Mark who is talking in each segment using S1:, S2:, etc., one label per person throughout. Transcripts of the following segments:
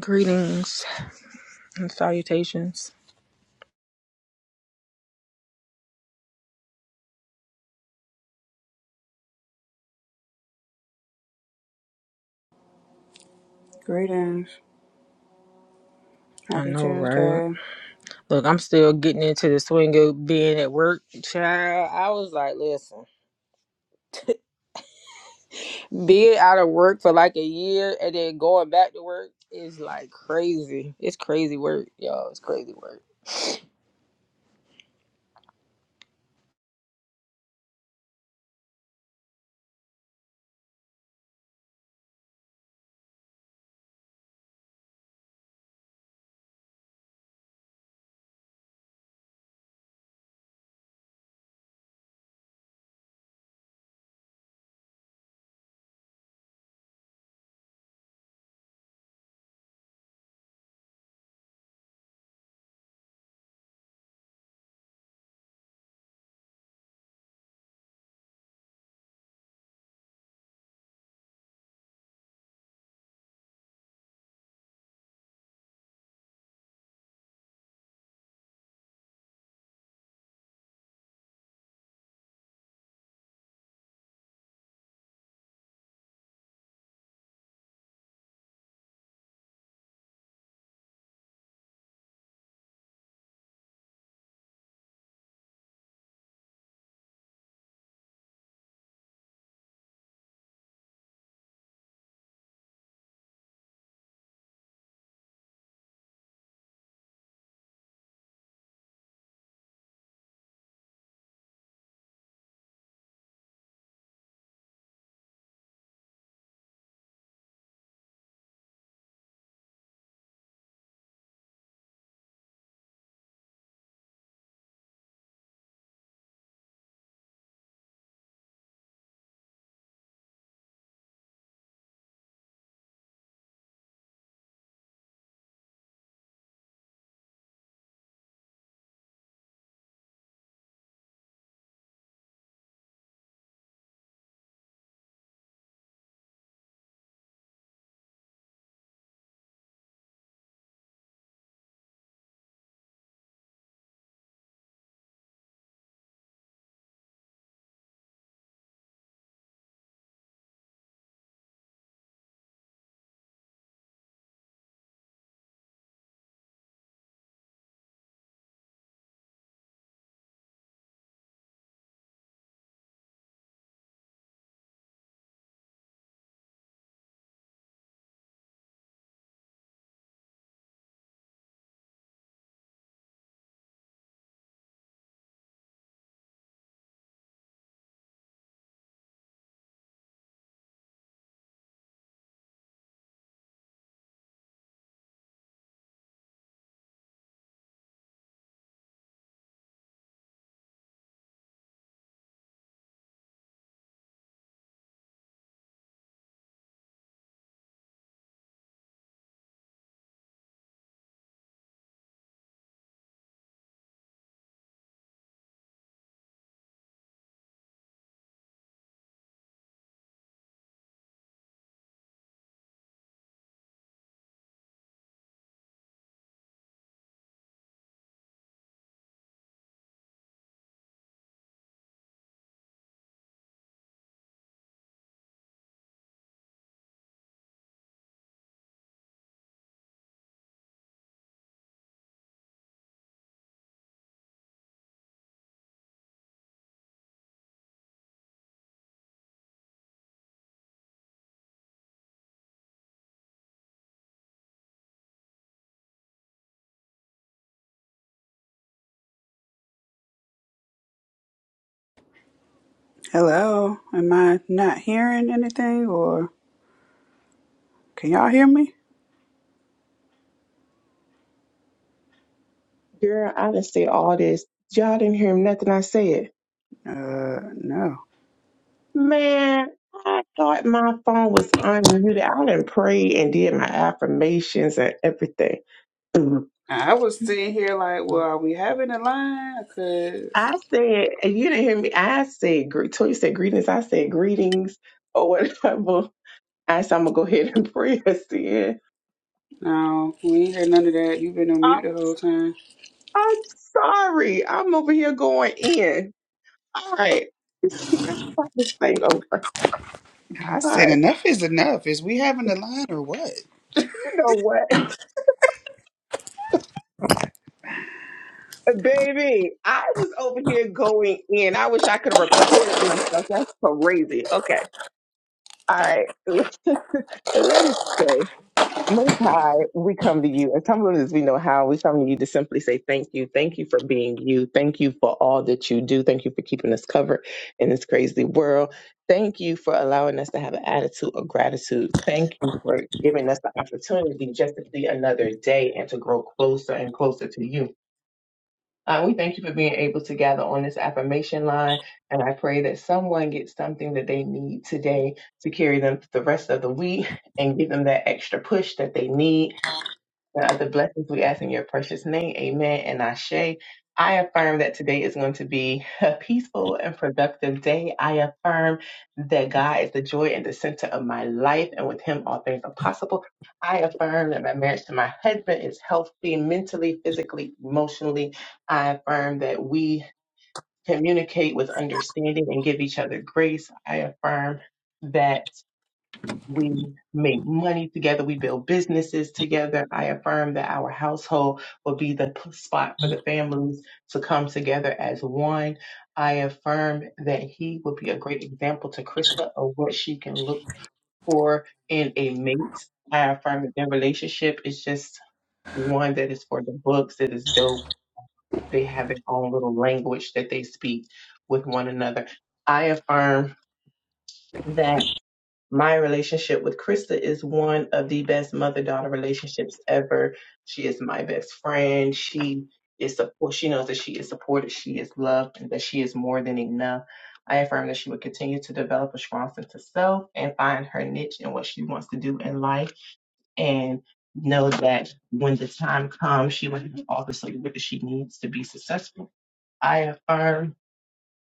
S1: Greetings and salutations.
S2: Greetings.
S1: I
S2: Happy
S1: know, right?
S2: Tuesday.
S1: Look, I'm still getting into the swing of being at work. Child, I was like, listen, being out of work for like a year and then going back to work is like crazy. It's crazy work, y'all. It's crazy work.
S2: Hello. Am I not hearing anything or can y'all hear me?
S3: Girl, I done said all this. Y'all didn't hear nothing I said.
S2: Uh, no.
S3: Man, I thought my phone was unmuted. I done prayed and did my affirmations and everything. Mhm.
S2: I was sitting here like, well, are we having a line? Cause
S3: I said, and you didn't hear me. I said, gre- Toy said greetings. I said greetings or whatever. I said, I'm going to go ahead and pray us in.
S2: no, we ain't heard none of that. You've been on mute
S3: I'm,
S2: the whole time.
S3: I'm sorry. I'm over here going in. All right. Let's start this thing over.
S2: I
S3: All
S2: said
S3: right.
S2: enough is enough. Is we having a line or what?
S3: You know what? Baby, I was over here going in. I wish I could have recorded myself. That's crazy. Okay. All right. Let us go. Most High, we come to you. As humble as we know how, we come to you to simply say thank you. Thank you for being you. Thank you for all that you do. Thank you for keeping us covered in this crazy world. Thank you for allowing us to have an attitude of gratitude. Thank you for giving us the opportunity just to see another day and to grow closer and closer to you. Uh, we thank you for being able to gather on this affirmation line. And I pray that someone gets something that they need today to carry them the rest of the week and give them that extra push that they need and other blessings we ask in your precious name. Amen and Ashe. I affirm that today is going to be a peaceful and productive day. I affirm that God is the joy and the center of my life, and with Him, all things are possible. I affirm that my marriage to my husband is healthy mentally, physically, emotionally. I affirm that we communicate with understanding and give each other grace. I affirm that. We make money together. We build businesses together. I affirm that our household will be the p- spot for the families to come together as one. I affirm that he will be a great example to Krista of what she can look for in a mate. I affirm that their relationship is just one that is for the books, that is dope. They have their own little language that they speak with one another. I affirm that my relationship with Krista is one of the best mother daughter relationships ever. She is my best friend. She is support. She knows that she is supported. She is loved, and that she is more than enough. I affirm that she will continue to develop a strong sense of self and find her niche in what she wants to do in life, and know that when the time comes, she will have all the support that she needs to be successful. I affirm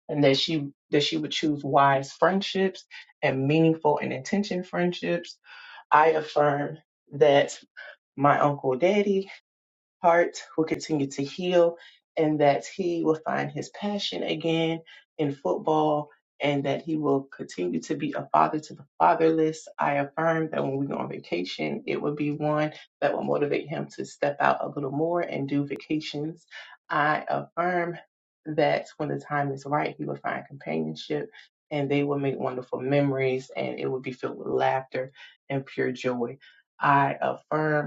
S3: and that she that she would choose wise friendships and meaningful and intention friendships. I affirm that my uncle daddy heart will continue to heal and that he will find his passion again in football and that he will continue to be a father to the fatherless. I affirm that when we go on vacation, it will be one that will motivate him to step out a little more and do vacations. I affirm that when the time is right, he will find companionship and they will make wonderful memories and it will be filled with laughter and pure joy. I affirm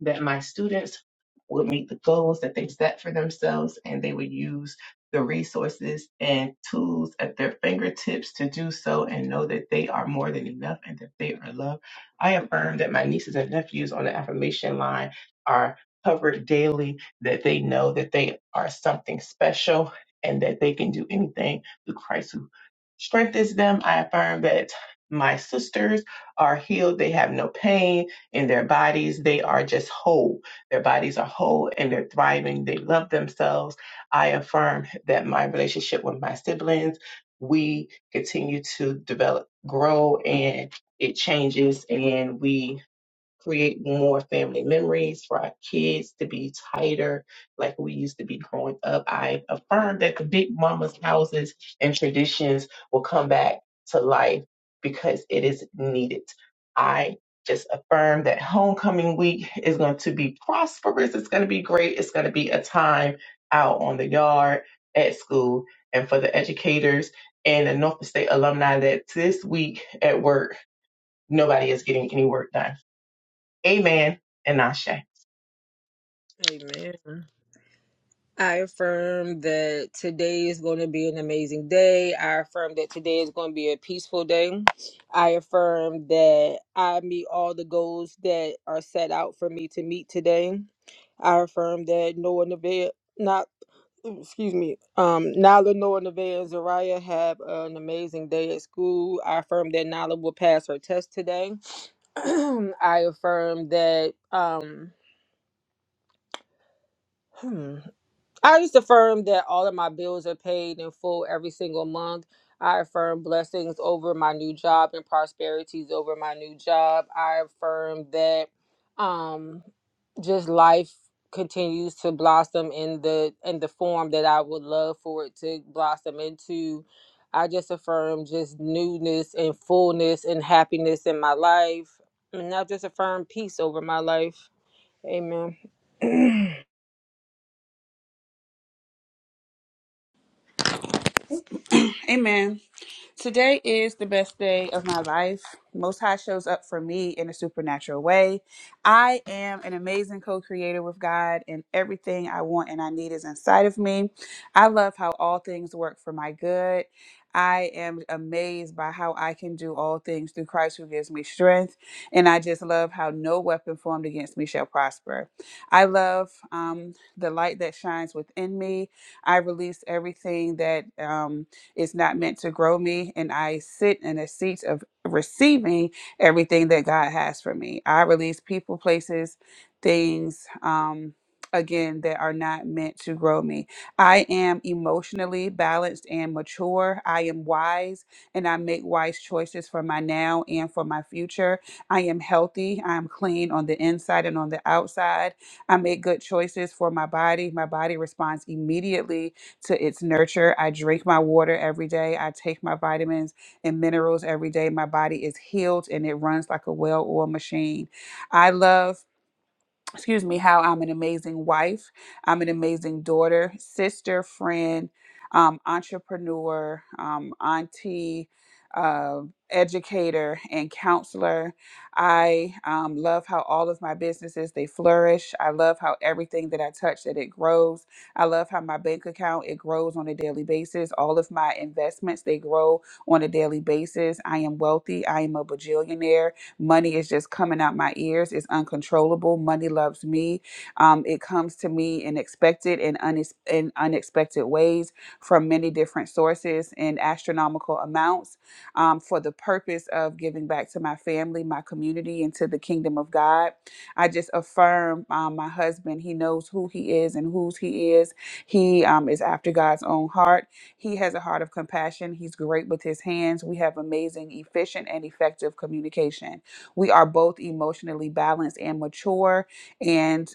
S3: that my students would meet the goals that they set for themselves and they would use the resources and tools at their fingertips to do so and know that they are more than enough and that they are loved. I affirm that my nieces and nephews on the affirmation line are covered daily, that they know that they are something special and that they can do anything through Christ who strengthens them. I affirm that my sisters are healed, they have no pain, in their bodies. They are just whole. Their bodies are whole and they're thriving. They love themselves. I affirm that my relationship with my siblings, we continue to develop, grow, and it changes. And we create more family memories for our kids to be tighter like we used to be growing up. I affirm that the big mama's houses and traditions will come back to life because it is needed. I just affirm that homecoming week is going to be prosperous. It's going to be great. It's going to be a time out on the yard at school and for the educators and the Norfolk State alumni that this week at work, nobody is getting any work done Amen and Ashe.
S1: Amen. I affirm that today is going to be an amazing day. I affirm that today is going to be a peaceful day. I affirm that I meet all the goals that are set out for me to meet today. I affirm that no one avail not excuse me um Nala Noah Nevaeh and Zariah have an amazing day at school. I affirm that Nala will pass her test today. I affirm that um hmm, I just affirm that all of my bills are paid in full every single month. I affirm blessings over my new job and prosperities over my new job. I affirm that um just life continues to blossom in the in the form that I would love for it to blossom into. I just affirm just newness and fullness and happiness in my life. And I just affirm peace over my life. Amen.
S2: Amen. Today is the best day of my life. Most High shows up for me in a supernatural way. I am an amazing co creator with God, and everything I want and I need is inside of me. I love how all things work for my good. I am amazed by how I can do all things through Christ who gives me strength. And I just love how no weapon formed against me shall prosper. I love um, the light that shines within me. I release everything that. Um, it's not meant to grow me. And I sit in a seat of receiving everything that God has for me. I release people, places, things, um, again, that are not meant to grow me. I am emotionally balanced and mature. I am wise and I make wise choices for my now and for my future. I am healthy. I am clean on the inside and on the outside. I make good choices for my body. My body responds immediately to its nurture. I drink my water every day. I take my vitamins and minerals every day. My body is healed and it runs like a well oiled machine. I love excuse me, how I'm an amazing wife, I'm an amazing daughter, sister, friend, um, entrepreneur, um, auntie, uh, educator, and counselor. I um, love how all of my businesses they flourish. I love how everything that I touch that it grows. I love how my bank account it grows on a daily basis. All of my investments they grow on a daily basis. I am wealthy. I am a bajillionaire. Money is just coming out my ears. It's uncontrollable. Money loves me. Um, it comes to me in expected and unex- in unexpected ways from many different sources in astronomical amounts um, for the purpose of giving back to my family, my community, and to the kingdom of God. I just affirm um, my husband. He knows who he is and whose he is. He um, is after God's own heart. He has a heart of compassion. He's great with his hands. We have amazing, efficient, and effective communication. We are both emotionally balanced and mature, and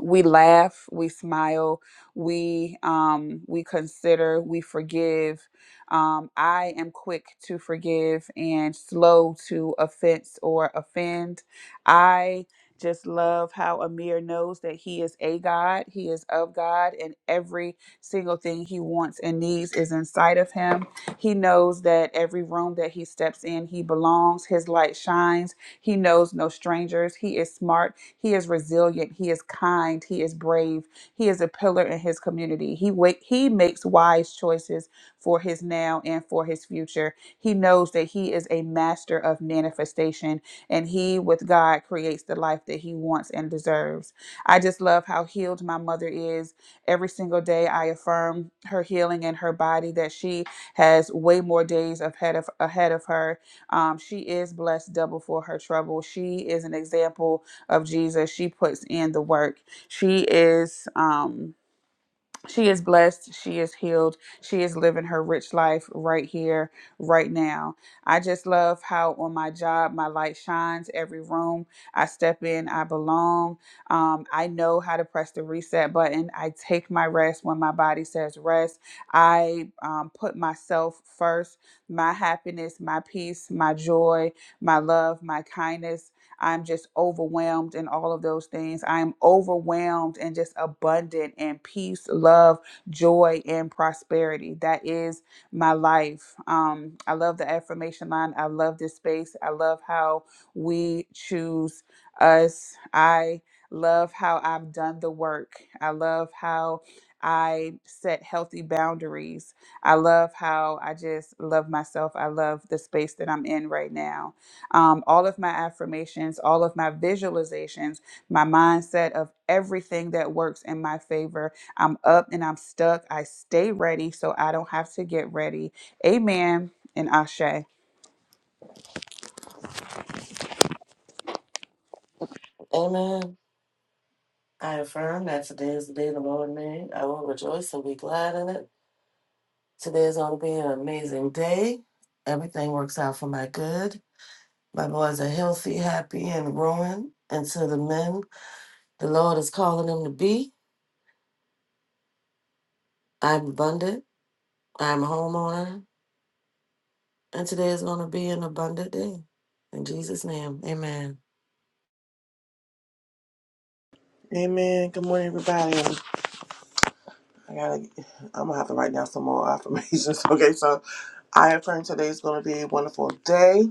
S2: we laugh, we smile, we um, we consider, we forgive. Um, I am quick to forgive and slow to offense or offend. I just love how Amir knows that he is a God, he is of God, and every single thing he wants and needs is inside of him. He knows that every room that he steps in, he belongs, his light shines he knows no strangers. He is smart. He is resilient. He is kind. He is brave. He is a pillar in his community. He wa- he makes wise choices for his now and for his future. He knows that he is a master of manifestation and he with God creates the life that he wants and deserves. I just love how healed my mother is. Every single day I affirm her healing in her body that she has way more days ahead of ahead of her um, she is blessed double for her trouble. She is an example of Jesus. She puts in the work. She is. Um, she is blessed. She is healed. She is living her rich life right here, right now. I just love how on my job, my light shines every room. I step in, I belong. Um, I know how to press the reset button. I take my rest when my body says rest. I um, put myself first, my happiness, my peace, my joy, my love, my kindness. I'm just overwhelmed and all of those things. I'm overwhelmed and just abundant in peace, love, joy, and prosperity. That is my life. Um, I love the affirmation line. I love this space. I love how we choose us. I love how I've done the work. I love how I set healthy boundaries. I love how I just love myself. I love the space that I'm in right now um, all of my affirmations, all of my visualizations, my mindset of everything that works in my favor. I'm up and I'm stuck. I stay ready so I don't have to get ready. Amen and Ashe.
S4: Amen. I affirm that today is the day the Lord made. I will rejoice and be glad in it. Today is going to be an amazing day. Everything works out for my good. My boys are healthy, happy, and growing into the men the Lord is calling them to be. I'm abundant. I'm a homeowner. And today is going to be an abundant day. In Jesus' name, amen.
S5: Amen. Good morning, everybody. I gotta. I'm gonna have to write down some more affirmations. Okay, so I affirm today is gonna be a wonderful day.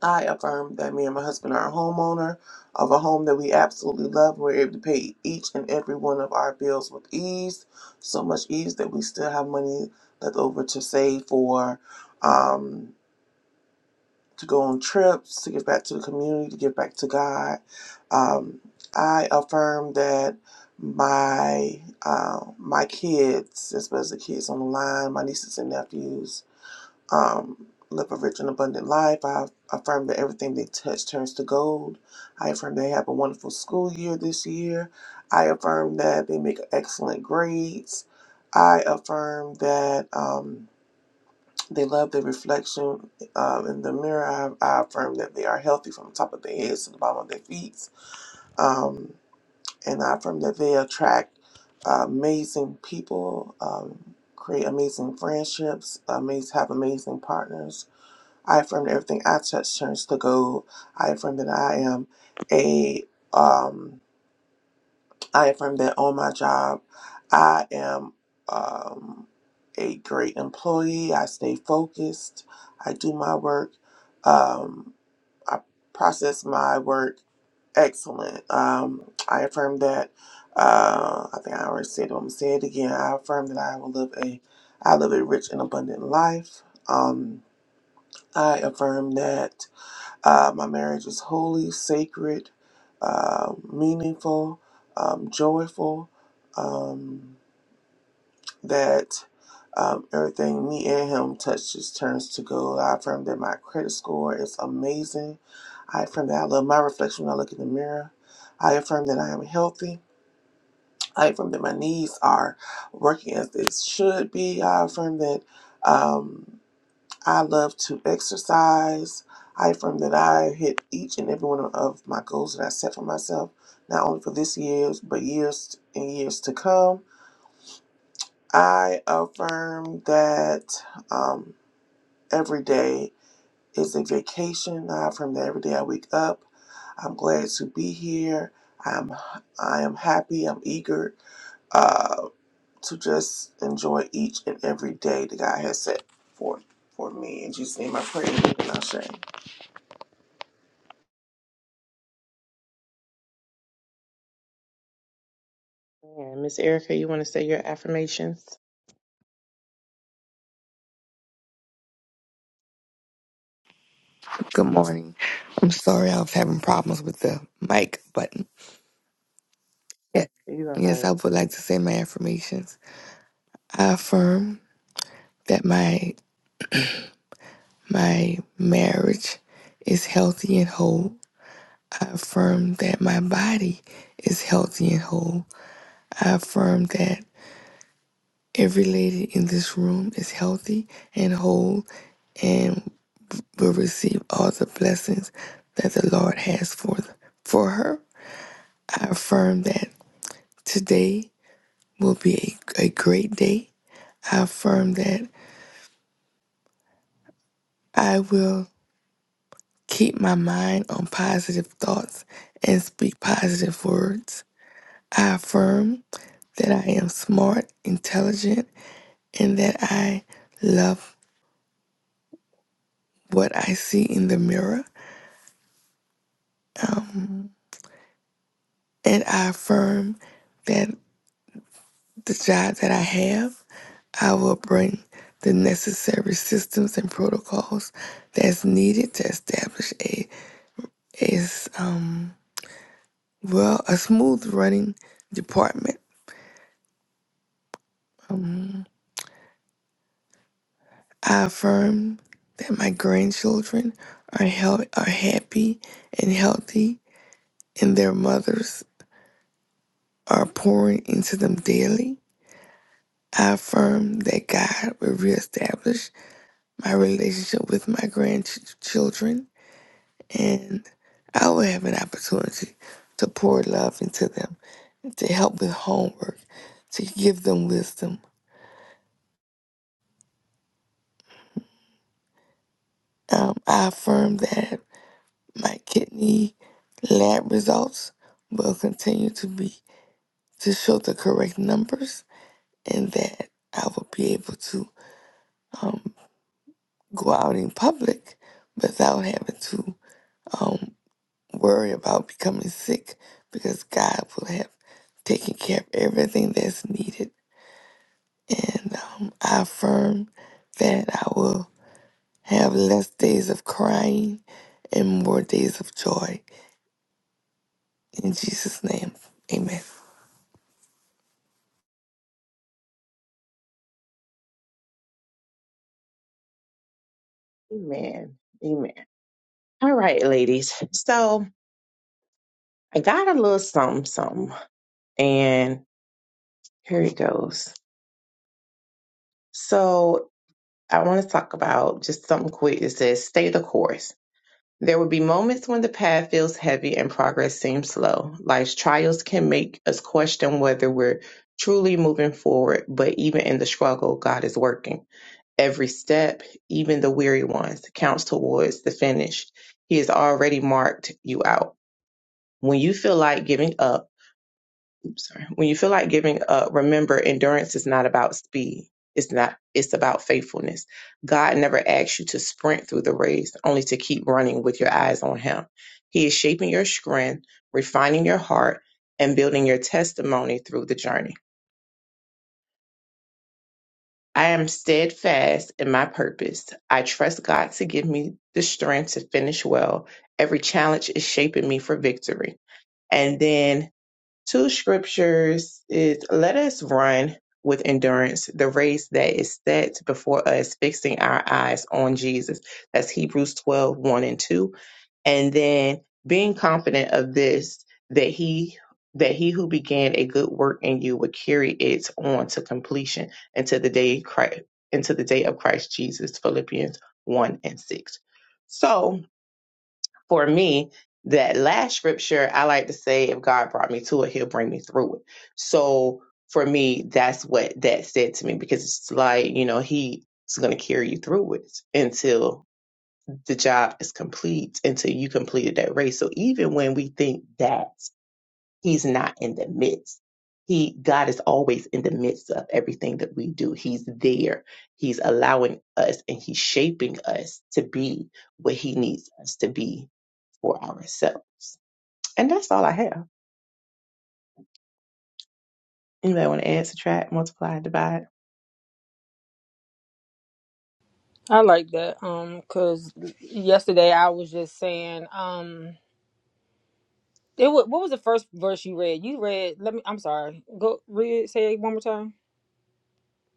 S5: I affirm that me and my husband are a homeowner of a home that we absolutely love. We're able to pay each and every one of our bills with ease, so much ease that we still have money left over to save for. Um, to go on trips, to give back to the community, to give back to God. Um, I affirm that my uh, my kids, as well as the kids on the line, my nieces and nephews, um, live a rich and abundant life. I affirm that everything they touch turns to gold. I affirm they have a wonderful school year this year. I affirm that they make excellent grades. I affirm that. Um, they love the reflection um, in the mirror. I, I affirm that they are healthy from the top of their heads to the bottom of their feet. Um, and I affirm that they attract uh, amazing people, um, create amazing friendships, amaz- have amazing partners. I affirm that everything I touch turns to gold. I affirm that I am a um, I affirm that on my job, I am um, a great employee. I stay focused. I do my work. Um, I process my work excellent. Um, I affirm that. Uh, I think I already said it. I'm gonna say it again. I affirm that I will live a, I live a rich and abundant life. Um, I affirm that uh, my marriage is holy, sacred, uh, meaningful, um, joyful. Um, that um, everything me and him touches turns to gold. I affirm that my credit score is amazing. I affirm that I love my reflection when I look in the mirror. I affirm that I am healthy. I affirm that my knees are working as they should be. I affirm that. Um, I love to exercise. I affirm that I hit each and every one of my goals that I set for myself, not only for this year, but years and years to come. I affirm that um, every day is a vacation. I affirm that every day I wake up, I'm glad to be here. I'm I am happy. I'm eager uh, to just enjoy each and every day that God has set forth for me. In Jesus' name, I pray. Amen. and I say.
S3: Yeah, Miss Erica, you want to say your affirmations?
S6: Good morning. I'm sorry I was having problems with the mic button. Yeah.
S3: You are
S6: Yes, I
S3: right.
S6: would like to say my affirmations. I affirm that my my marriage is healthy and whole. I affirm that my body is healthy and whole. I affirm that every lady in this room is healthy and whole and will receive all the blessings that the Lord has for for her. I affirm that today will be a, a great day. I affirm that I will keep my mind on positive thoughts and speak positive words. I affirm that I am smart, intelligent, and that I love what I see in the mirror. Um, and I affirm that the job that I have, I will bring the necessary systems and protocols that's needed to establish a is Well, a smooth running department. Um, I affirm that my grandchildren are hel- are happy and healthy, and their mothers are pouring into them daily. I affirm that God will reestablish my relationship with my grandchildren, and I will have an opportunity to pour love into them, to help with homework, to give them wisdom. Um, I affirm that. My kidney lab results will continue to be to show the correct numbers and that I will be able to um, go out in public without having to um, worry about becoming sick because God will have taken care of everything that's needed. And um, I affirm that I will have less days of crying and more days of joy. In Jesus' name, amen.
S3: Amen. Amen. All right, ladies. So I got a little something, something, and here it goes. So I want to talk about just something quick. It says, stay the course. There will be moments when the path feels heavy and progress seems slow. Life's trials can make us question whether we're truly moving forward, but even in the struggle, God is working. Every step, even the weary ones, counts towards the finish. He has already marked you out. When you feel like giving up, oops, sorry, when you feel like giving up, remember endurance is not about speed. It's not it's about faithfulness. God never asks you to sprint through the race, only to keep running with your eyes on him. He is shaping your strength, refining your heart, and building your testimony through the journey. I am steadfast in my purpose. I trust God to give me the strength to finish well. Every challenge is shaping me for victory. And then two scriptures is let us run with endurance the race that is set before us, fixing our eyes on Jesus. That's Hebrews twelve one and 2 and then being confident of this that he that he who began a good work in you would carry it on to completion until the day Christ, until the day of Christ Jesus Philippians 1 and 6 so for me that last scripture I like to say if God brought me to it he'll bring me through it so for me that's what that said to me because it's like you know he's going to carry you through it until the job is complete until you completed that race. So even when we think that he's not in the midst, he God is always in the midst of everything that we do. He's there. He's allowing us and he's shaping us to be what he needs us to be for ourselves. And that's all I have. Anybody want to add, subtract, multiply, divide?
S1: I like that. Um, cause yesterday I was just saying, um, it wa what was the first verse you read? You read. Let me. I'm sorry. Go read. it, Say it one more time.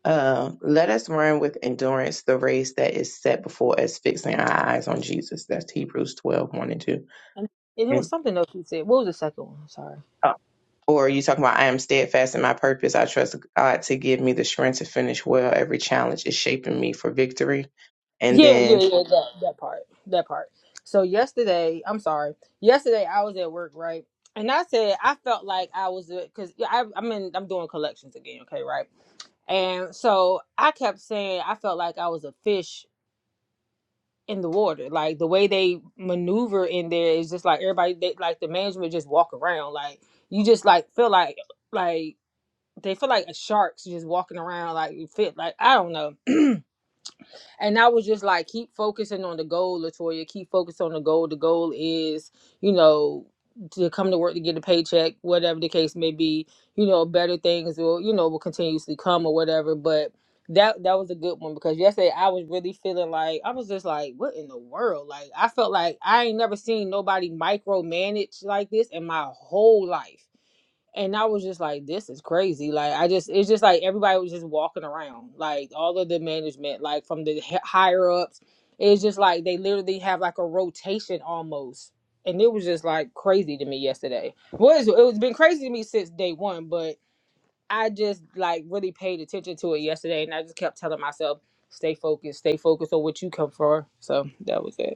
S3: Um, let us run with endurance the race that is set before us, fixing our eyes on Jesus. That's Hebrews twelve one and 2.
S1: And, and it was
S3: And
S1: something else you said. What was the second one? I'm sorry.
S3: Or are you talking about I am steadfast in my purpose? I trust God to give me the strength to finish well. Every challenge is shaping me for victory. And
S1: Yeah, yeah,
S3: then
S1: yeah. That that part. That part. So yesterday, I'm sorry. Yesterday I was at work, right? And I said I felt like I was because I I'm in I'm doing collections again. Okay, right? And so I kept saying I felt like I was a fish in the water. Like the way they maneuver in there is just like everybody they like the management just walk around. Like you just like feel like like they feel like sharks just walking around like you fit like I don't know. And I was just like, keep focusing on the goal, Latoya. Keep focused on the goal. The goal is, you know, to come to work to get a paycheck, whatever the case may be. You know, better things will, you know, will continuously come or whatever. But that that was a good one because yesterday I was really feeling like I was just like, what in the world? Like I felt like I ain't never seen nobody micromanage like this in my whole life and I was just like, this is crazy. Like, I just, it's just like everybody was just walking around, like all of the management, like from the hi- higher ups. It's just like they literally have like a rotation almost. And it was just like crazy to me yesterday. Was it was been crazy to me since day one, but I just like really paid attention to it yesterday, and I just kept telling myself, stay focused, stay focused on what you come for. So that was it.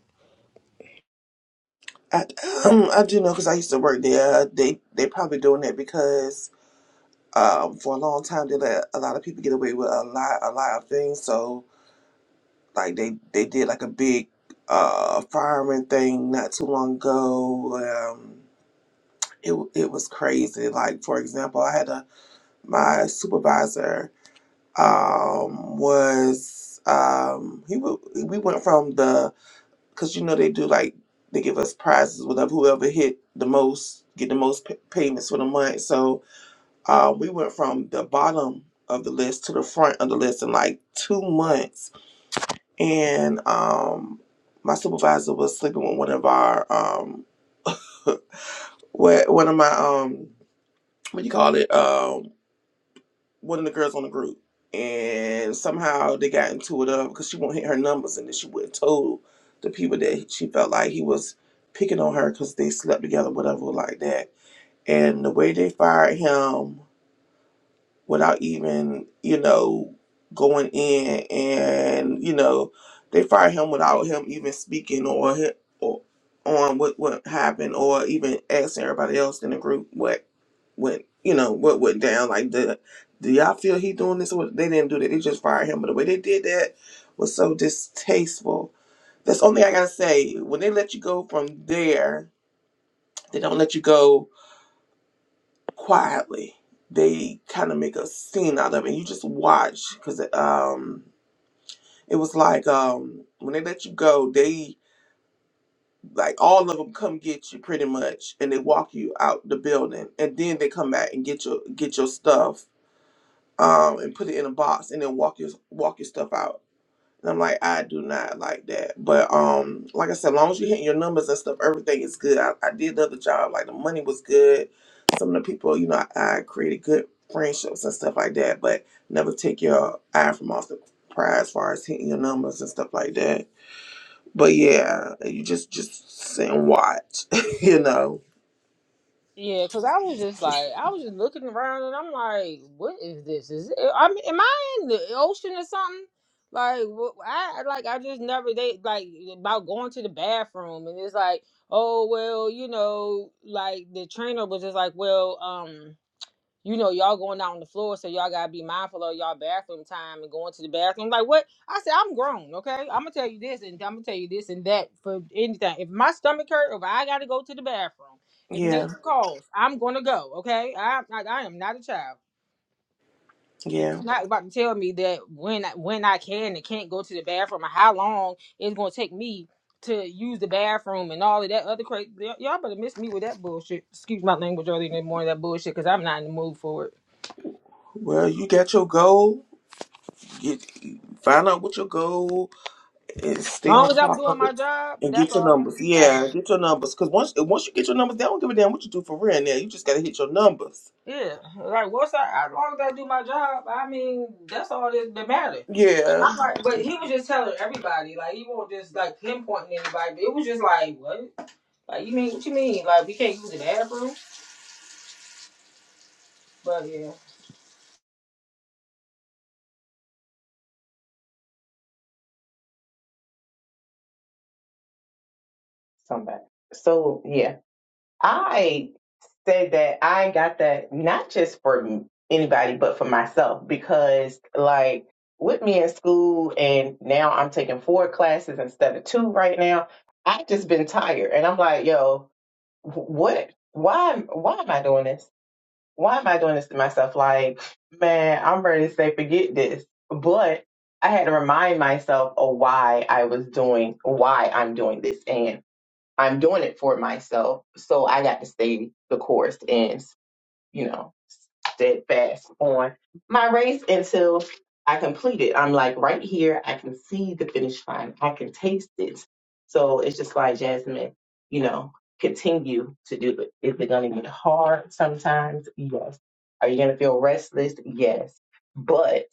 S5: I, um, I do know because I used to work there. Uh, They they probably doing that because um, for a long time they let a lot of people get away with a lot a lot of things. So like they they did like a big uh fireman thing not too long ago. Um, it w- it was crazy. Like for example, I had a my supervisor um was um he w- we went from the because you know they do like they give us prizes whatever whoever hit the most get the most p- payments for the month so uh, we went from the bottom of the list to the front of the list in like two months and um my supervisor was sleeping with one of our um what one of my um what do you call it um, one of the girls on the group, and somehow they got into it up because she won't hit her numbers, and then she wouldn't told the people that she felt like he was picking on her because they slept together, whatever, like that. And the way they fired him without even, you know, going in and, you know, they fired him without him even speaking or, hi- or on what, what happened or even asking everybody else in the group what went, you know, what went down. Like, the, do y'all feel he doing this? Or what? they didn't do that. They just fired him. But the way they did that was so distasteful. That's the only thing I gotta say. When they let you go from there, they don't let you go quietly. They kind of make a scene out of it. You just watch because it, um, it was like um, when they let you go, they like all of them come get you pretty much, and they walk you out the building, and then they come back and get your get your stuff um, and put it in a box, and then walk your walk your stuff out. And I'm like, I do not like that. But um, like I said, as long as you hitting your numbers and stuff, everything is good. I, I did the other job, like the money was good. Some of the people, you know, I, I created good friendships and stuff like that, but never take your eye from off the prize as far as hitting your numbers and stuff like that. But yeah, you just just sit and watch, you know.
S1: Yeah, cause I was just like,
S5: Just
S1: I was just looking around, and I'm like, what is this? Is it, I mean, am I in the ocean or something? Like, what, I like, I just never they like about going to the bathroom, and it's like, oh well, you know, like the trainer was just like, well, um you know, y'all going out on the floor, so y'all gotta be mindful of y'all bathroom time and going to the bathroom. Like what? I said, I'm grown, okay? I'm gonna tell you this and I'm gonna tell you this and that for anything. If my stomach hurt, if I gotta go to the bathroom, if
S5: yeah,
S1: nature Mhm. calls, I'm gonna go, okay? I, I I am not a child. And
S5: yeah.
S1: you're not about to tell me that when I, when I can and can't go to the bathroom or how long it's gonna take me to use the bathroom and all of that other crazy. Y'all better miss me with that bullshit. Excuse my language early in the morning, that bullshit, because I'm not in the mood for it.
S5: Well, you got your goal. Get, find out what your goal and stay on
S1: long as I'm
S5: top
S1: doing
S5: of it
S1: my job,
S5: and
S1: that's
S5: get your
S1: all that
S5: numbers.
S1: really
S5: Yeah,
S1: matters.
S5: get your numbers. Cause once once you get your numbers, they don't give a damn what you do for real. Now you just gotta hit your numbers.
S1: Yeah, like once I, as long as I do my job, I mean, that's all that, that matters.
S5: Yeah,
S1: I'm like, but he was just telling everybody, like he won't just like pinpointing anybody. But it was just like, what? Like you mean what you mean? Like we can't use the bathroom? But yeah,
S3: somebody. So yeah, I said that I got that not just for anybody, but for myself because like with me in school and now I'm taking four classes instead of two right now. I've just been tired and I'm like, yo, what? Why? Why am I doing this? why am I doing this to myself? Like, man, I'm ready to say, forget this. But I had to remind myself of why I was doing, why I'm doing this. And I'm doing it for myself. So I got to stay the course. and you know, steadfast on my race until I complete it. I'm like right here, I can see the finish line, I can taste it. So it's just like Jasmine, you know, continue to do it. Is it going to get hard sometimes? Yes. Are you going to feel restless? Yes. But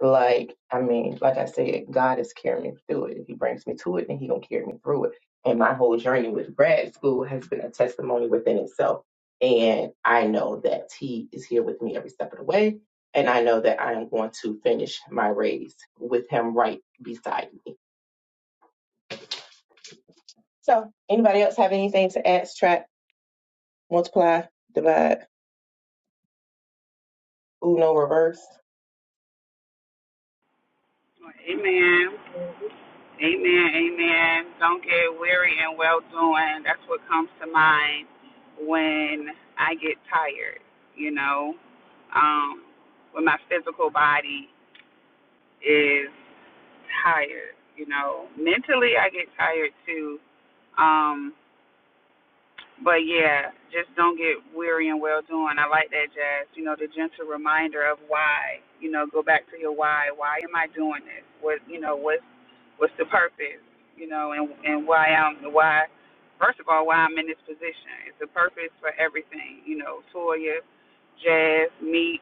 S3: like, I mean, like I said, God is carrying me through it. If He brings me to it, then He gonna carry me through it. And my whole journey with grad school has been a testimony within itself. And I know that He is here with me every step of the way. And I know that I am going to finish my race with Him right beside me. So, anybody else have anything to add, subtract, multiply, divide, uno, reverse?
S2: Amen. Amen. Amen. Don't get weary in well doing. That's what comes to mind when I get tired, you know. Um, when my physical body is tired, you know. Mentally I get tired too. Um but yeah, just don't get weary and well doing. I like that jazz. You know, the gentle reminder of why. You know, go back to your why. Why am I doing this? What you know, what's what's the purpose? You know, and and why I'm why first of all, why I'm in this position. It's a purpose for everything, you know, Toya, Jazz, me,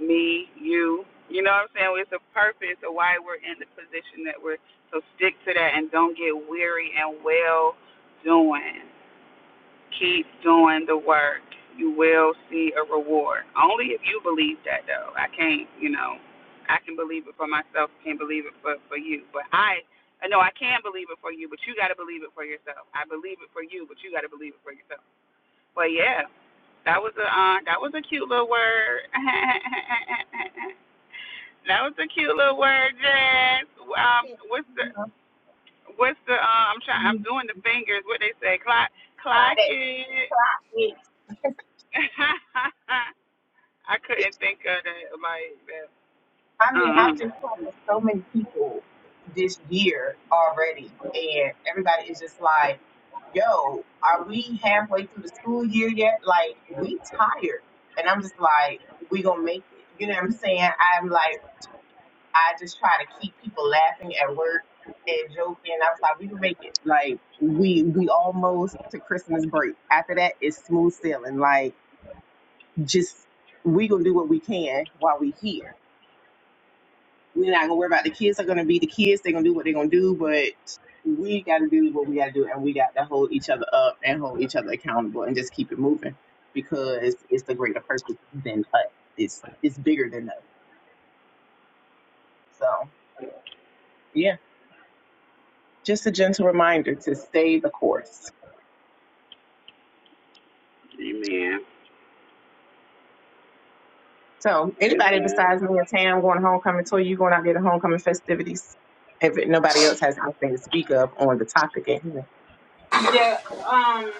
S2: me, you. You know what I'm saying? It's a purpose of why we're in the position that we're. So stick to that and don't get weary and well doing. Keep doing the work. You will see a reward. Only if you believe that, though. I can't, you know, I can believe it for myself. Can't believe it for for you. But I, no, I can believe it for you. But you got to believe it for yourself. I believe it for you, but you got to believe it for yourself. But yeah, that was a uh, that was a cute little word. That was a cute little word, Jazz. Um, what's the what's the uh, I'm trying I'm doing the fingers. What they say, clock clock
S3: Why
S2: it.
S3: that?
S2: I couldn't think of that like that. Um,
S3: so many people this year already, and everybody is just like, "Yo, are we yet? Like, we tired?" And I'm just like, "We gonna make it." You know what I'm saying? I'm like, I just try to keep people laughing at work and joking. I was like, "We can make it." Like, we we almost to Christmas break. After that, it's smooth sailing. Like, just we gonna do what we can while we here We're not gonna worry about the kids. Are gonna be the kids. They're gonna do what they're gonna do. But we got to do what we got to do, and we got to hold each other up and hold each other accountable, and just keep it moving because it's the greater purpose than us. It's it's bigger than us. So yeah, just a gentle reminder to stay the course.
S2: amen.
S3: So anybody
S2: Amen.
S3: besides me and Tam going to homecoming tour, you going out there to homecoming festivities? If nobody else has anything to speak of on the topic at hand,
S1: yeah. Um,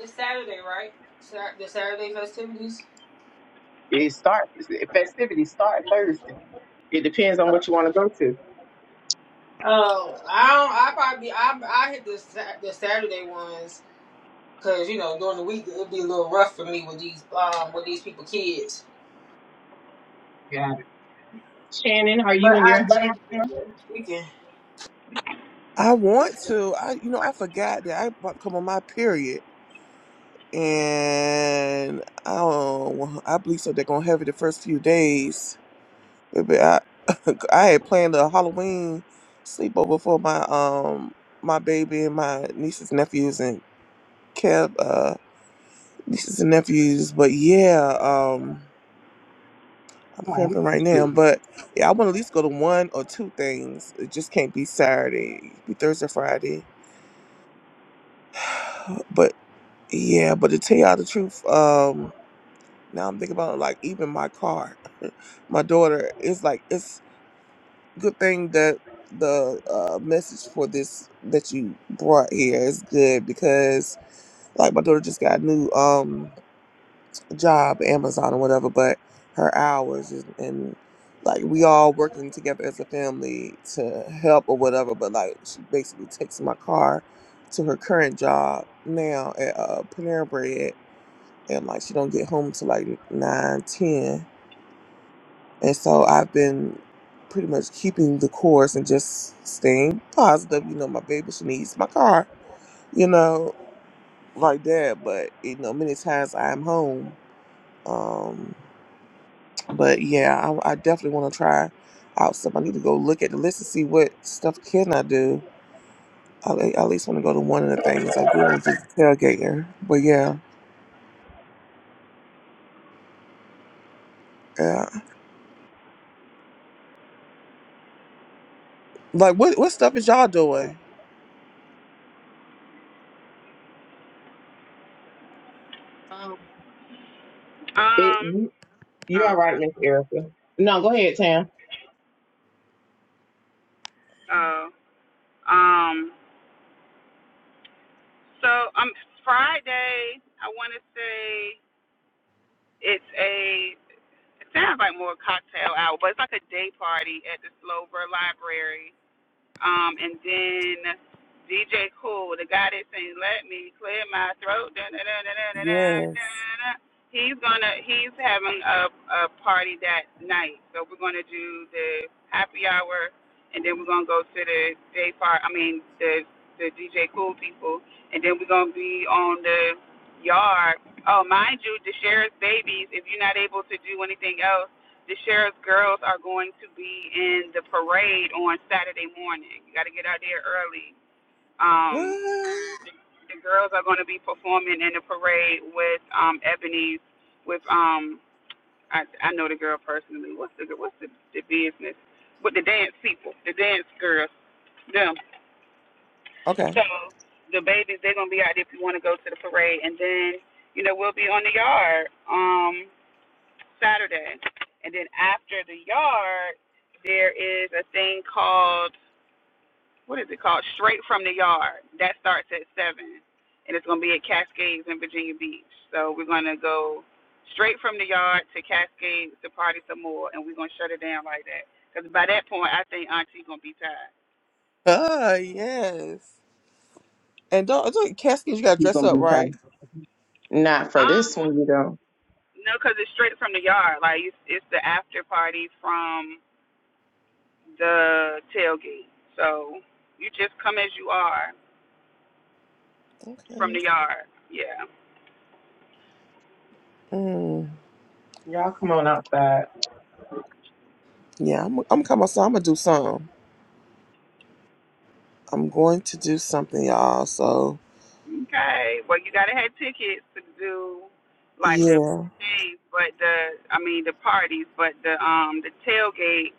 S1: it's Saturday, right? Sat the Saturday festivities.
S3: it starts. Festivities start Thursday. It depends on what you want to go to.
S1: Oh, I don't. I probably I I hit the Sa- the Saturday ones Cause you know during the week it'd be a little rough for me with these um with these people kids.
S3: Shannon, are you
S1: But
S3: and
S1: I
S3: your
S1: definitely get there weekend.
S5: I want to. I you know I forgot that I about to come on my period, and oh, I believe so. They're gonna have it the first few days. Baby, I I had planned a Halloween sleepover for my um my baby and my nieces and nephews and Kev uh nieces and nephews. But yeah, um. I'm cramping right now, but yeah, I want to at least go to one or two things. It just can't be Saturday, be Thursday, Friday. But yeah, but to tell y'all the truth, um, now I'm thinking about it, like even my car, my daughter is like it's good thing that the uh message for this that you brought here is good because like my daughter just got new. um job, Amazon or whatever, but her hours is, and like we all working together as a family to help or whatever. But like she basically takes my car to her current job now at uh, Panera Bread, and like she don't get home till like nine ten. And so I've been pretty much keeping the course and just staying positive. You know, my baby she needs my car. You know, like that. But you know, many times I'm home. Um, But yeah, I, I definitely want to try out some. I need to go look at the list and see what stuff can I do. I, I at least want to go to one of the things I do want to do tailgating. But yeah, yeah. Like what what stuff is y'all doing?
S3: um? It,
S2: Um.
S3: you, you're all right,
S2: Okay.
S3: Miss Erica. No, go ahead, Tam.
S2: Oh. Um. So um Friday. I want to say it's a. It sounds like more cocktail hour, but it's like a day party at the Slover Library Um, and then DJ Cool, the guy that sings "Let Me Clear My Throat," dun, dun, dun, dun, dun, dun, dun,
S5: Yes.
S2: he's gonna he's having a a party that night. So we're gonna do the happy hour, and then we're gonna go to the day part. I mean the the DJ Cool people, and then we're gonna be on the yard. Oh, mind you, the sheriff's babies. If you're not able to do anything else the sheriff's girls are going to be in the parade on Saturday morning. You got to get out there early. Um,
S5: What?
S2: the, the girls are going to be performing in the parade with um, Ebony's, with um, I, I know the girl personally. What's the what's the, the business with the dance people, the dance girls, them.
S5: Okay.
S2: So the babies, they're going to be out there if you want to go to the parade, and then you know we'll be on the yard. Um, Saturday. And then after the yard, there is a thing called what is it called? Straight from the yard. That starts at seven, and it's gonna be at Cascades in Virginia Beach. So we're gonna go straight from the yard to Cascades to party some more, and we're gonna shut it down like that. Cause by that point, I think Auntie gonna be tired.
S5: Ah, yes. And don't, don't Caskins, you gotta
S3: You're
S5: dress
S3: gonna
S5: up
S3: be
S5: right.
S3: fine. Not for this
S2: Um,
S3: one, you don't.
S2: no, cause it's straight from the yard. Like it's it's the after party from the tailgate. So you just come as you are. From
S5: Okay.
S2: the yard. Yeah.
S5: Mm.
S3: Y'all come on outside.
S5: Yeah, I'm I'm coming. So I'm gonna do some. I'm going to do something, y'all. So
S2: Okay. Well, you gotta have tickets to do like the
S5: yeah,
S2: days, but the I mean the parties, but the um the tailgate.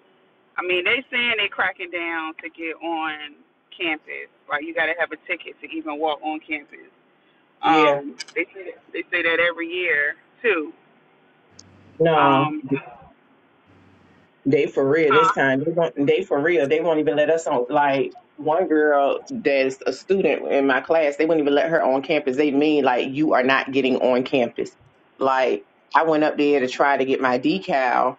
S2: I mean they saying they cracking down to get on campus. Like you gotta have a ticket to even walk on campus.
S3: Yeah,
S2: Um, they say that, they say that every year too.
S3: no,
S2: Um,
S3: they for real this
S2: huh?
S3: time. They gon- they for real. They won't even let us on. Like one girl that's a student in my class, they wouldn't even let her on campus. They mean like you are not getting on campus. Like I went up there to try to get my decal,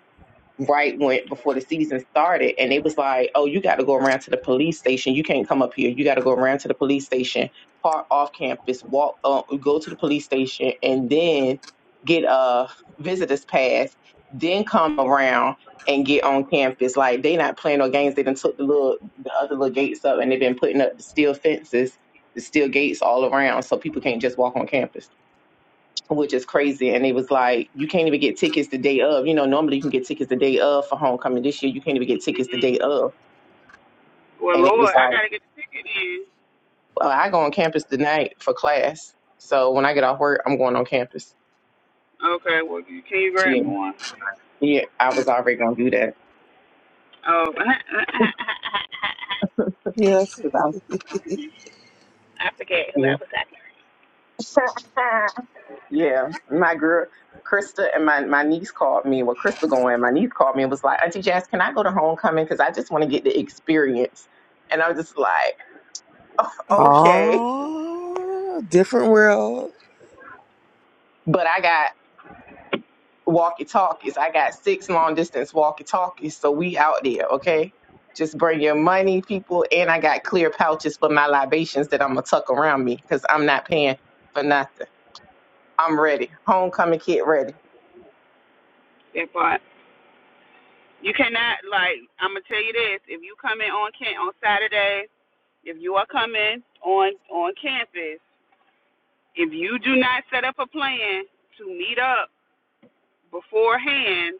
S3: right when before the season started and it was like oh you got to go around to the police station you can't come up here you got to go around to the police station park off campus walk uh, go to the police station and then get a visitor's pass then come around and get on campus like they not playing no games they done took the little the other little gates up and they've been putting up the steel fences the steel gates all around so people can't just walk on campus which is crazy. And it was like, you can't even get tickets the day of. You know, normally you can get tickets the day of for homecoming. This year, you can't even get tickets the
S2: Mhm.
S3: day of.
S2: Well,
S3: And it was
S2: Lord, I
S3: like,
S2: gotta get the ticket in.
S3: well, I go on campus tonight for class. So when I get off work, I'm going on campus.
S2: Okay. Well, can you grab
S3: Yeah.
S2: me one?
S3: Yeah. I was already going to do that.
S2: Oh,
S5: yes.
S3: 'Cause I'm- yeah. yeah. My girl, Krista and my, my niece called me. Well, Krista going, my niece called me and was like, Auntie Jazz, can I go to homecoming? Because I just want to get the experience. And I was just like, okay.
S5: Oh, different world.
S3: But I got walkie talkies. I got six long distance walkie talkies, so we out there, okay? Just bring your money, people, and I got clear pouches for my libations that I'm gonna tuck around me because I'm not paying for nothing. I'm ready. Homecoming kid ready.
S2: that part. You cannot like I'm gonna tell you this: if you come in on camp on Saturday, if you are coming on on campus, if you do not set up a plan to meet up beforehand,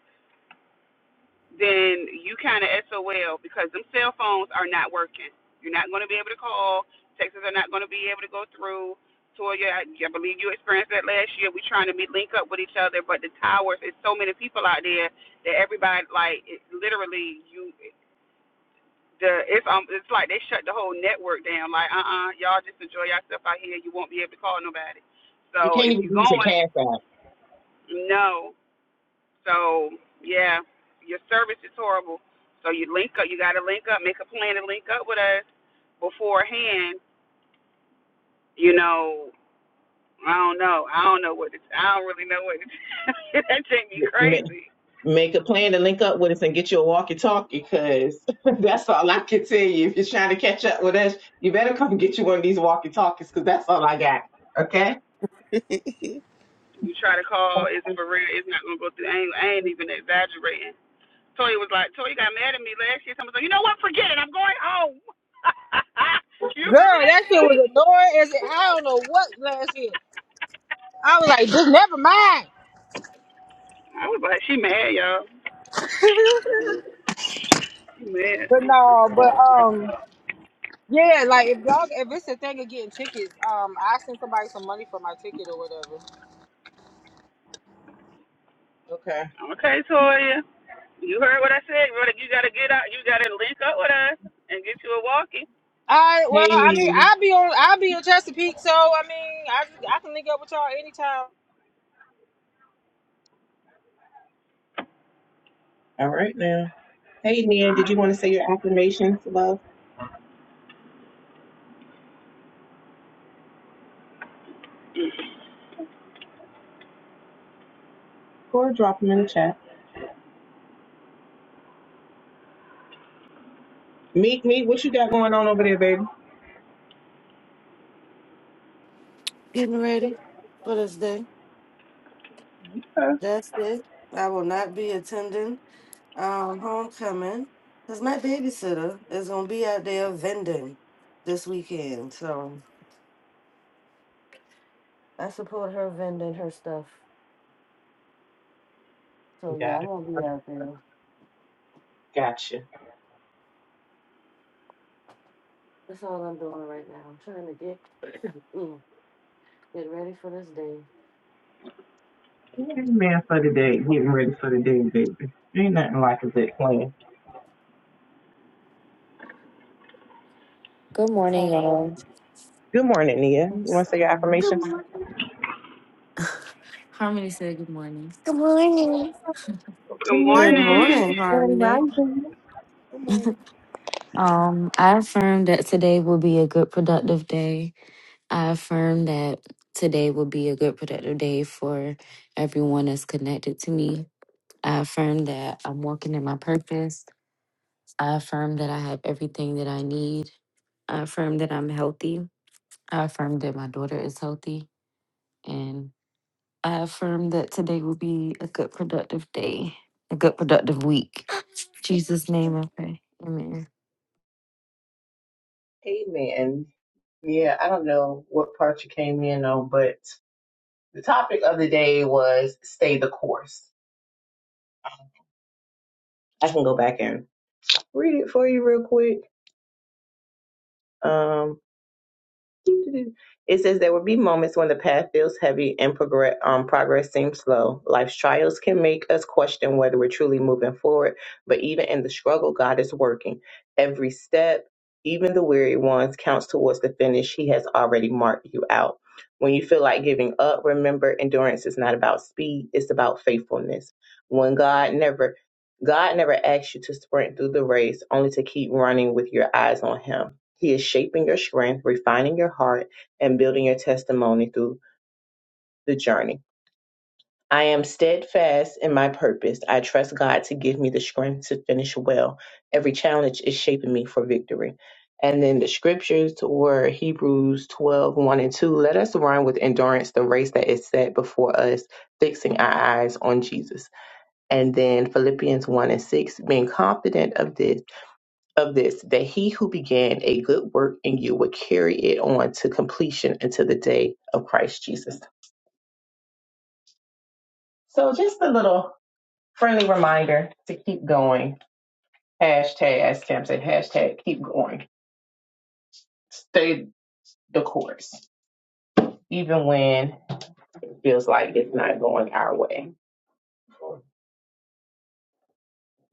S2: then you kind of SOL because them cell phones are not working. You're not going to be able to call. Texts are not going to be able to go through. Toya, I, I believe you experienced that last year. We're trying to meet, link up with each other, but the towers, it's so many people out there that everybody like it, literally you. the it's um it's like they shut the whole network down. Like uh uh-uh, uh, you all just enjoy yourself out here. You won't be able to call nobody.
S3: You
S2: So
S3: can't
S2: if
S3: even
S2: you're
S3: use your
S2: going,
S3: cash app.
S2: no. So yeah, your service is horrible. So you link up. You got to link up. Make a plan to link up with us beforehand. You know, I don't know. I don't know what to. I don't really know what to. do. that take me
S3: Make,
S2: crazy.
S3: make a plan to link up with us and get you a walkie talkie because that's all I can tell you. If you're trying to catch up with us, you better come get you one of these walkie talkies because that's all I got, okay?
S2: You try to call, it's for real. It's not gonna go through. I ain't, I ain't even exaggerating Toya was like, Toya got mad at me last year. Someone said, you know what? Forget it. I'm going home. you remember
S1: Girl,
S2: that,
S1: that shit
S2: Toya?
S1: was annoying as it, I don't know what last year. I was like, just never mind.
S2: I was like, she mad, y'all. She mad.
S1: But no, but um, yeah, like if y'all if it's a thing of getting tickets, um, I send somebody some money for my ticket or whatever.
S3: Okay.
S2: Okay, Toya. You heard what I said. Brother, you got to get out. You got to link up with us and get you a walkie.
S1: I well,
S3: Hey,
S1: I mean,
S3: Nina.
S1: I'll be on, I'll be in Chesapeake, so I mean, I I can link up with y'all anytime.
S3: All right now. Hey, Nia, did you want to say your affirmations, love? Or drop me. Meet me. What you got going?
S4: Getting ready for this day. That's it. I will not be attending um homecoming because my babysitter is gonna be out there vending this weekend. So I support her vending her stuff. So yeah,
S3: Got
S4: I'm
S3: it.
S4: gonna be out there.
S3: Gotcha.
S4: That's all I'm doing right now. I'm trying to get mm, get ready for this day.
S3: Amen Man for the day. Getting ready for the day, baby. Ain't nothing like a good plan.
S7: Good morning,
S4: Morning.
S7: y'all.
S3: Good morning, Nia. You want to say your
S7: Good
S3: affirmations?
S7: morning. Harmony said good morning. Good morning.
S2: Good
S3: Good
S4: Good morning,
S2: morning.
S4: Harmony.
S3: morning.
S5: Come on.
S7: Um, I affirm that today will be a good productive day. I affirm that today will be a good productive day for everyone that's connected to me. I affirm that I'm walking in my purpose. I affirm that I have everything that I need. I affirm that I'm healthy. I affirm that my daughter is healthy I affirm that today will be a good, productive day, a good, productive week. In Jesus' name I pray. Amen.
S3: Amen. Yeah, I don't know what part you came in on, but the topic of the day was stay the course. I can go back and read it for you real quick. Um. It says there will be moments when the path feels heavy and progress, um, progress seems slow. Life's trials can make us question whether we're truly moving forward, but even in the struggle, God is working. Every step, even the weary ones, counts towards the finish. He has already marked you out. When you feel like giving up, remember endurance is not about speed, it's about faithfulness. When God never God never asks you to sprint through the race, only to keep running with your eyes on Him. He is shaping your strength, refining your heart, and building your testimony through the journey. I am steadfast in my purpose. I trust God to give me the strength to finish well. Every challenge is shaping me for victory. And then the scriptures were Hebrews twelve one and 2. Let us run with endurance the race that is set before us, fixing our eyes on Jesus and then Philippians 1 and 6, being confident of this, of this, that he who began a good work in you will carry it on to completion until the day of Christ Jesus. So just a little friendly reminder to keep going. Hashtag, as Cam said, hashtag keep going. Stay the course, even when it feels like it's not going our way.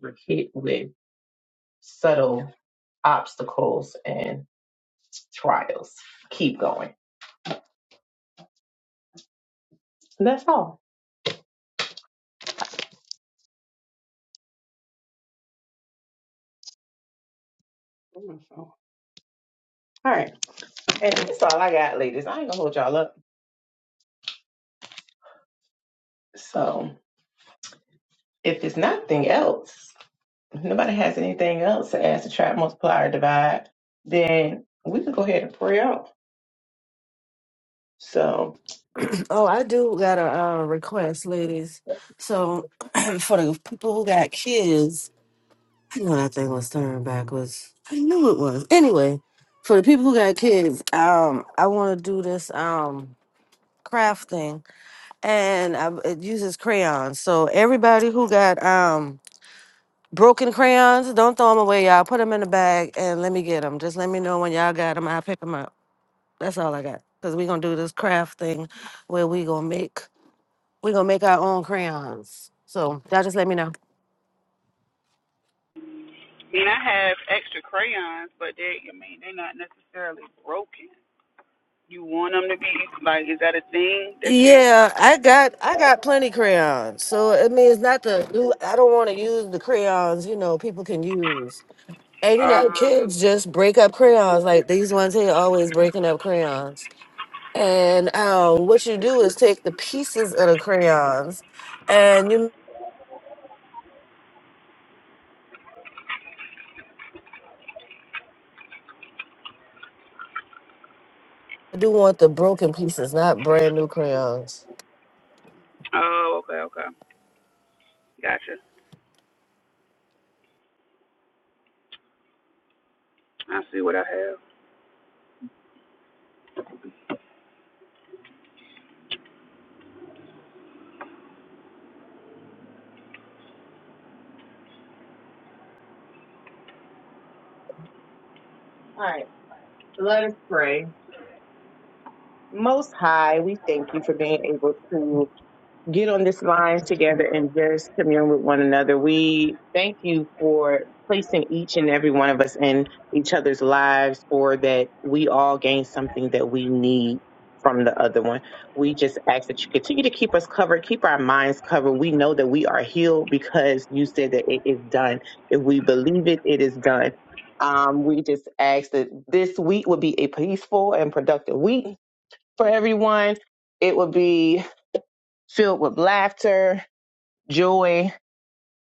S3: We're hit with subtle obstacles and trials. Keep going. That's all. All right. And that's all I got, ladies. I ain't gonna hold y'all up. So if there's nothing else, if nobody has anything else to ask to try multiply or divide, then we can go ahead and pray out. So
S4: oh, I do got a uh, request, ladies. So for the people who got kids, When I think was turned backwards, I knew it was. Anyway, for the people who got kids, um, I want to do this um craft thing, and I, it uses crayons. So everybody who got um broken crayons, don't throw them away, y'all. Put them in a bag and let me get them. Just let me know when y'all got them. I'll pick them up. That's all I got. Cause we gonna do this craft thing where we gonna make we gonna make our own crayons. So y'all just let me know.
S2: I mean, I have extra crayons, but they, I mean, they're not necessarily broken. You want them to be, like, is that a thing that you,
S4: Yeah, I got I got plenty crayons. So I mean, it's not the do- I don't want to use the crayons. You know, people can use, and you
S2: uh,
S4: know, kids just break up crayons. Like these ones here, always breaking up crayons. And um, what you do is take the pieces of the crayons, and you do want the broken pieces, not brand new crayons.
S2: oh, okay, okay. Gotcha. I see what I have.
S3: all right, let us pray. Most high, we thank you for this. get on this line together and just commune with one another. We thank you for placing each and every one of us in each other's lives or that we all gain something that we need from the other one. We just ask that you continue to keep us covered, keep our minds covered. We know that we are healed because you said that it is done. If we believe it, it is done. Um, we just ask that this week would be a peaceful and productive week for everyone. It would be filled with laughter, joy,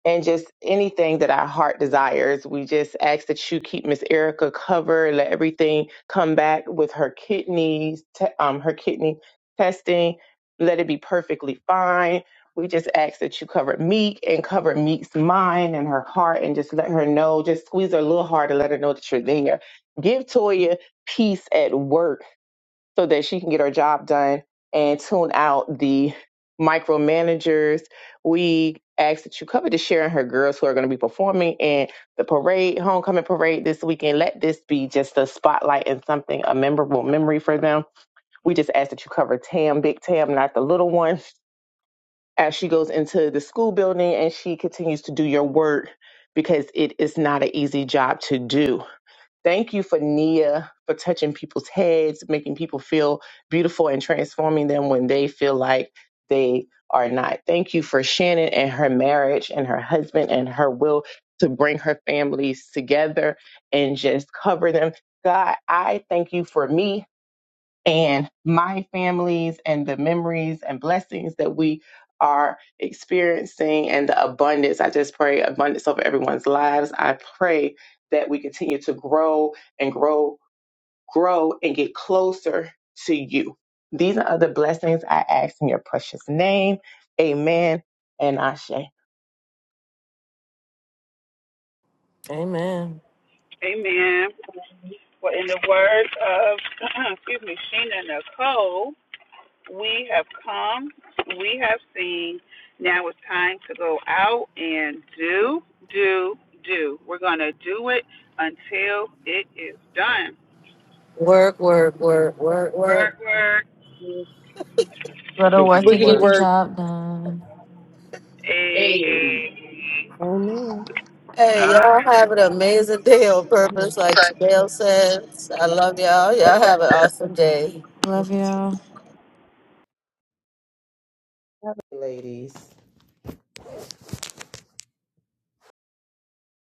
S3: and just anything that our heart desires. We just ask that you keep Miss Erica covered, let everything come back with her kidneys, te- um, her kidney testing, let it be perfectly fine. We just ask that you cover Meek and cover Meek's mind and her heart and just let her know, just squeeze her a little hard and let her know that you're there. Give Toya peace at work so that she can get her job done and tune out the micromanagers. We ask that you cover the Sharon and her girls who are going to be performing in the parade, homecoming parade this weekend. Let this be just a spotlight and something, a memorable memory for them. We just ask that you cover Tam, Big Tam, not the little one, as she goes into the school building and she continues to do your work because it is not an easy job to do Thank you for Nia for touching people's heads, making people feel beautiful and transforming them when they feel like they are not. Thank you for Shannon and her marriage and her husband and her will to bring her families together and just cover them. God, I thank you for me and my families and the memories and blessings that we are experiencing and the abundance. I just pray abundance over everyone's lives. I pray that we continue to grow and grow, grow and get closer to you. These are other blessings I ask in your precious name. Amen and Ashe.
S4: Amen.
S2: Amen. Well, in the words of, excuse me, Sheena Nicole, we have come, we have seen. Now it's time to go out and do, do, do. We're going to do it until it is done.
S4: Work, work, work, work, work.
S2: Work, work.
S7: Go to work
S3: Riggedy
S7: and
S1: Wiggity
S7: get
S3: work.
S7: the
S1: word.
S7: job done.
S2: Hey,
S3: Hey.
S2: hey.
S5: Oh,
S2: All
S4: Hey,
S2: right.
S4: y'all have an amazing day on purpose, like Chanel says. I love y'all. Y'all have an awesome day.
S7: Love
S5: man.
S7: y'all.
S3: Ladies.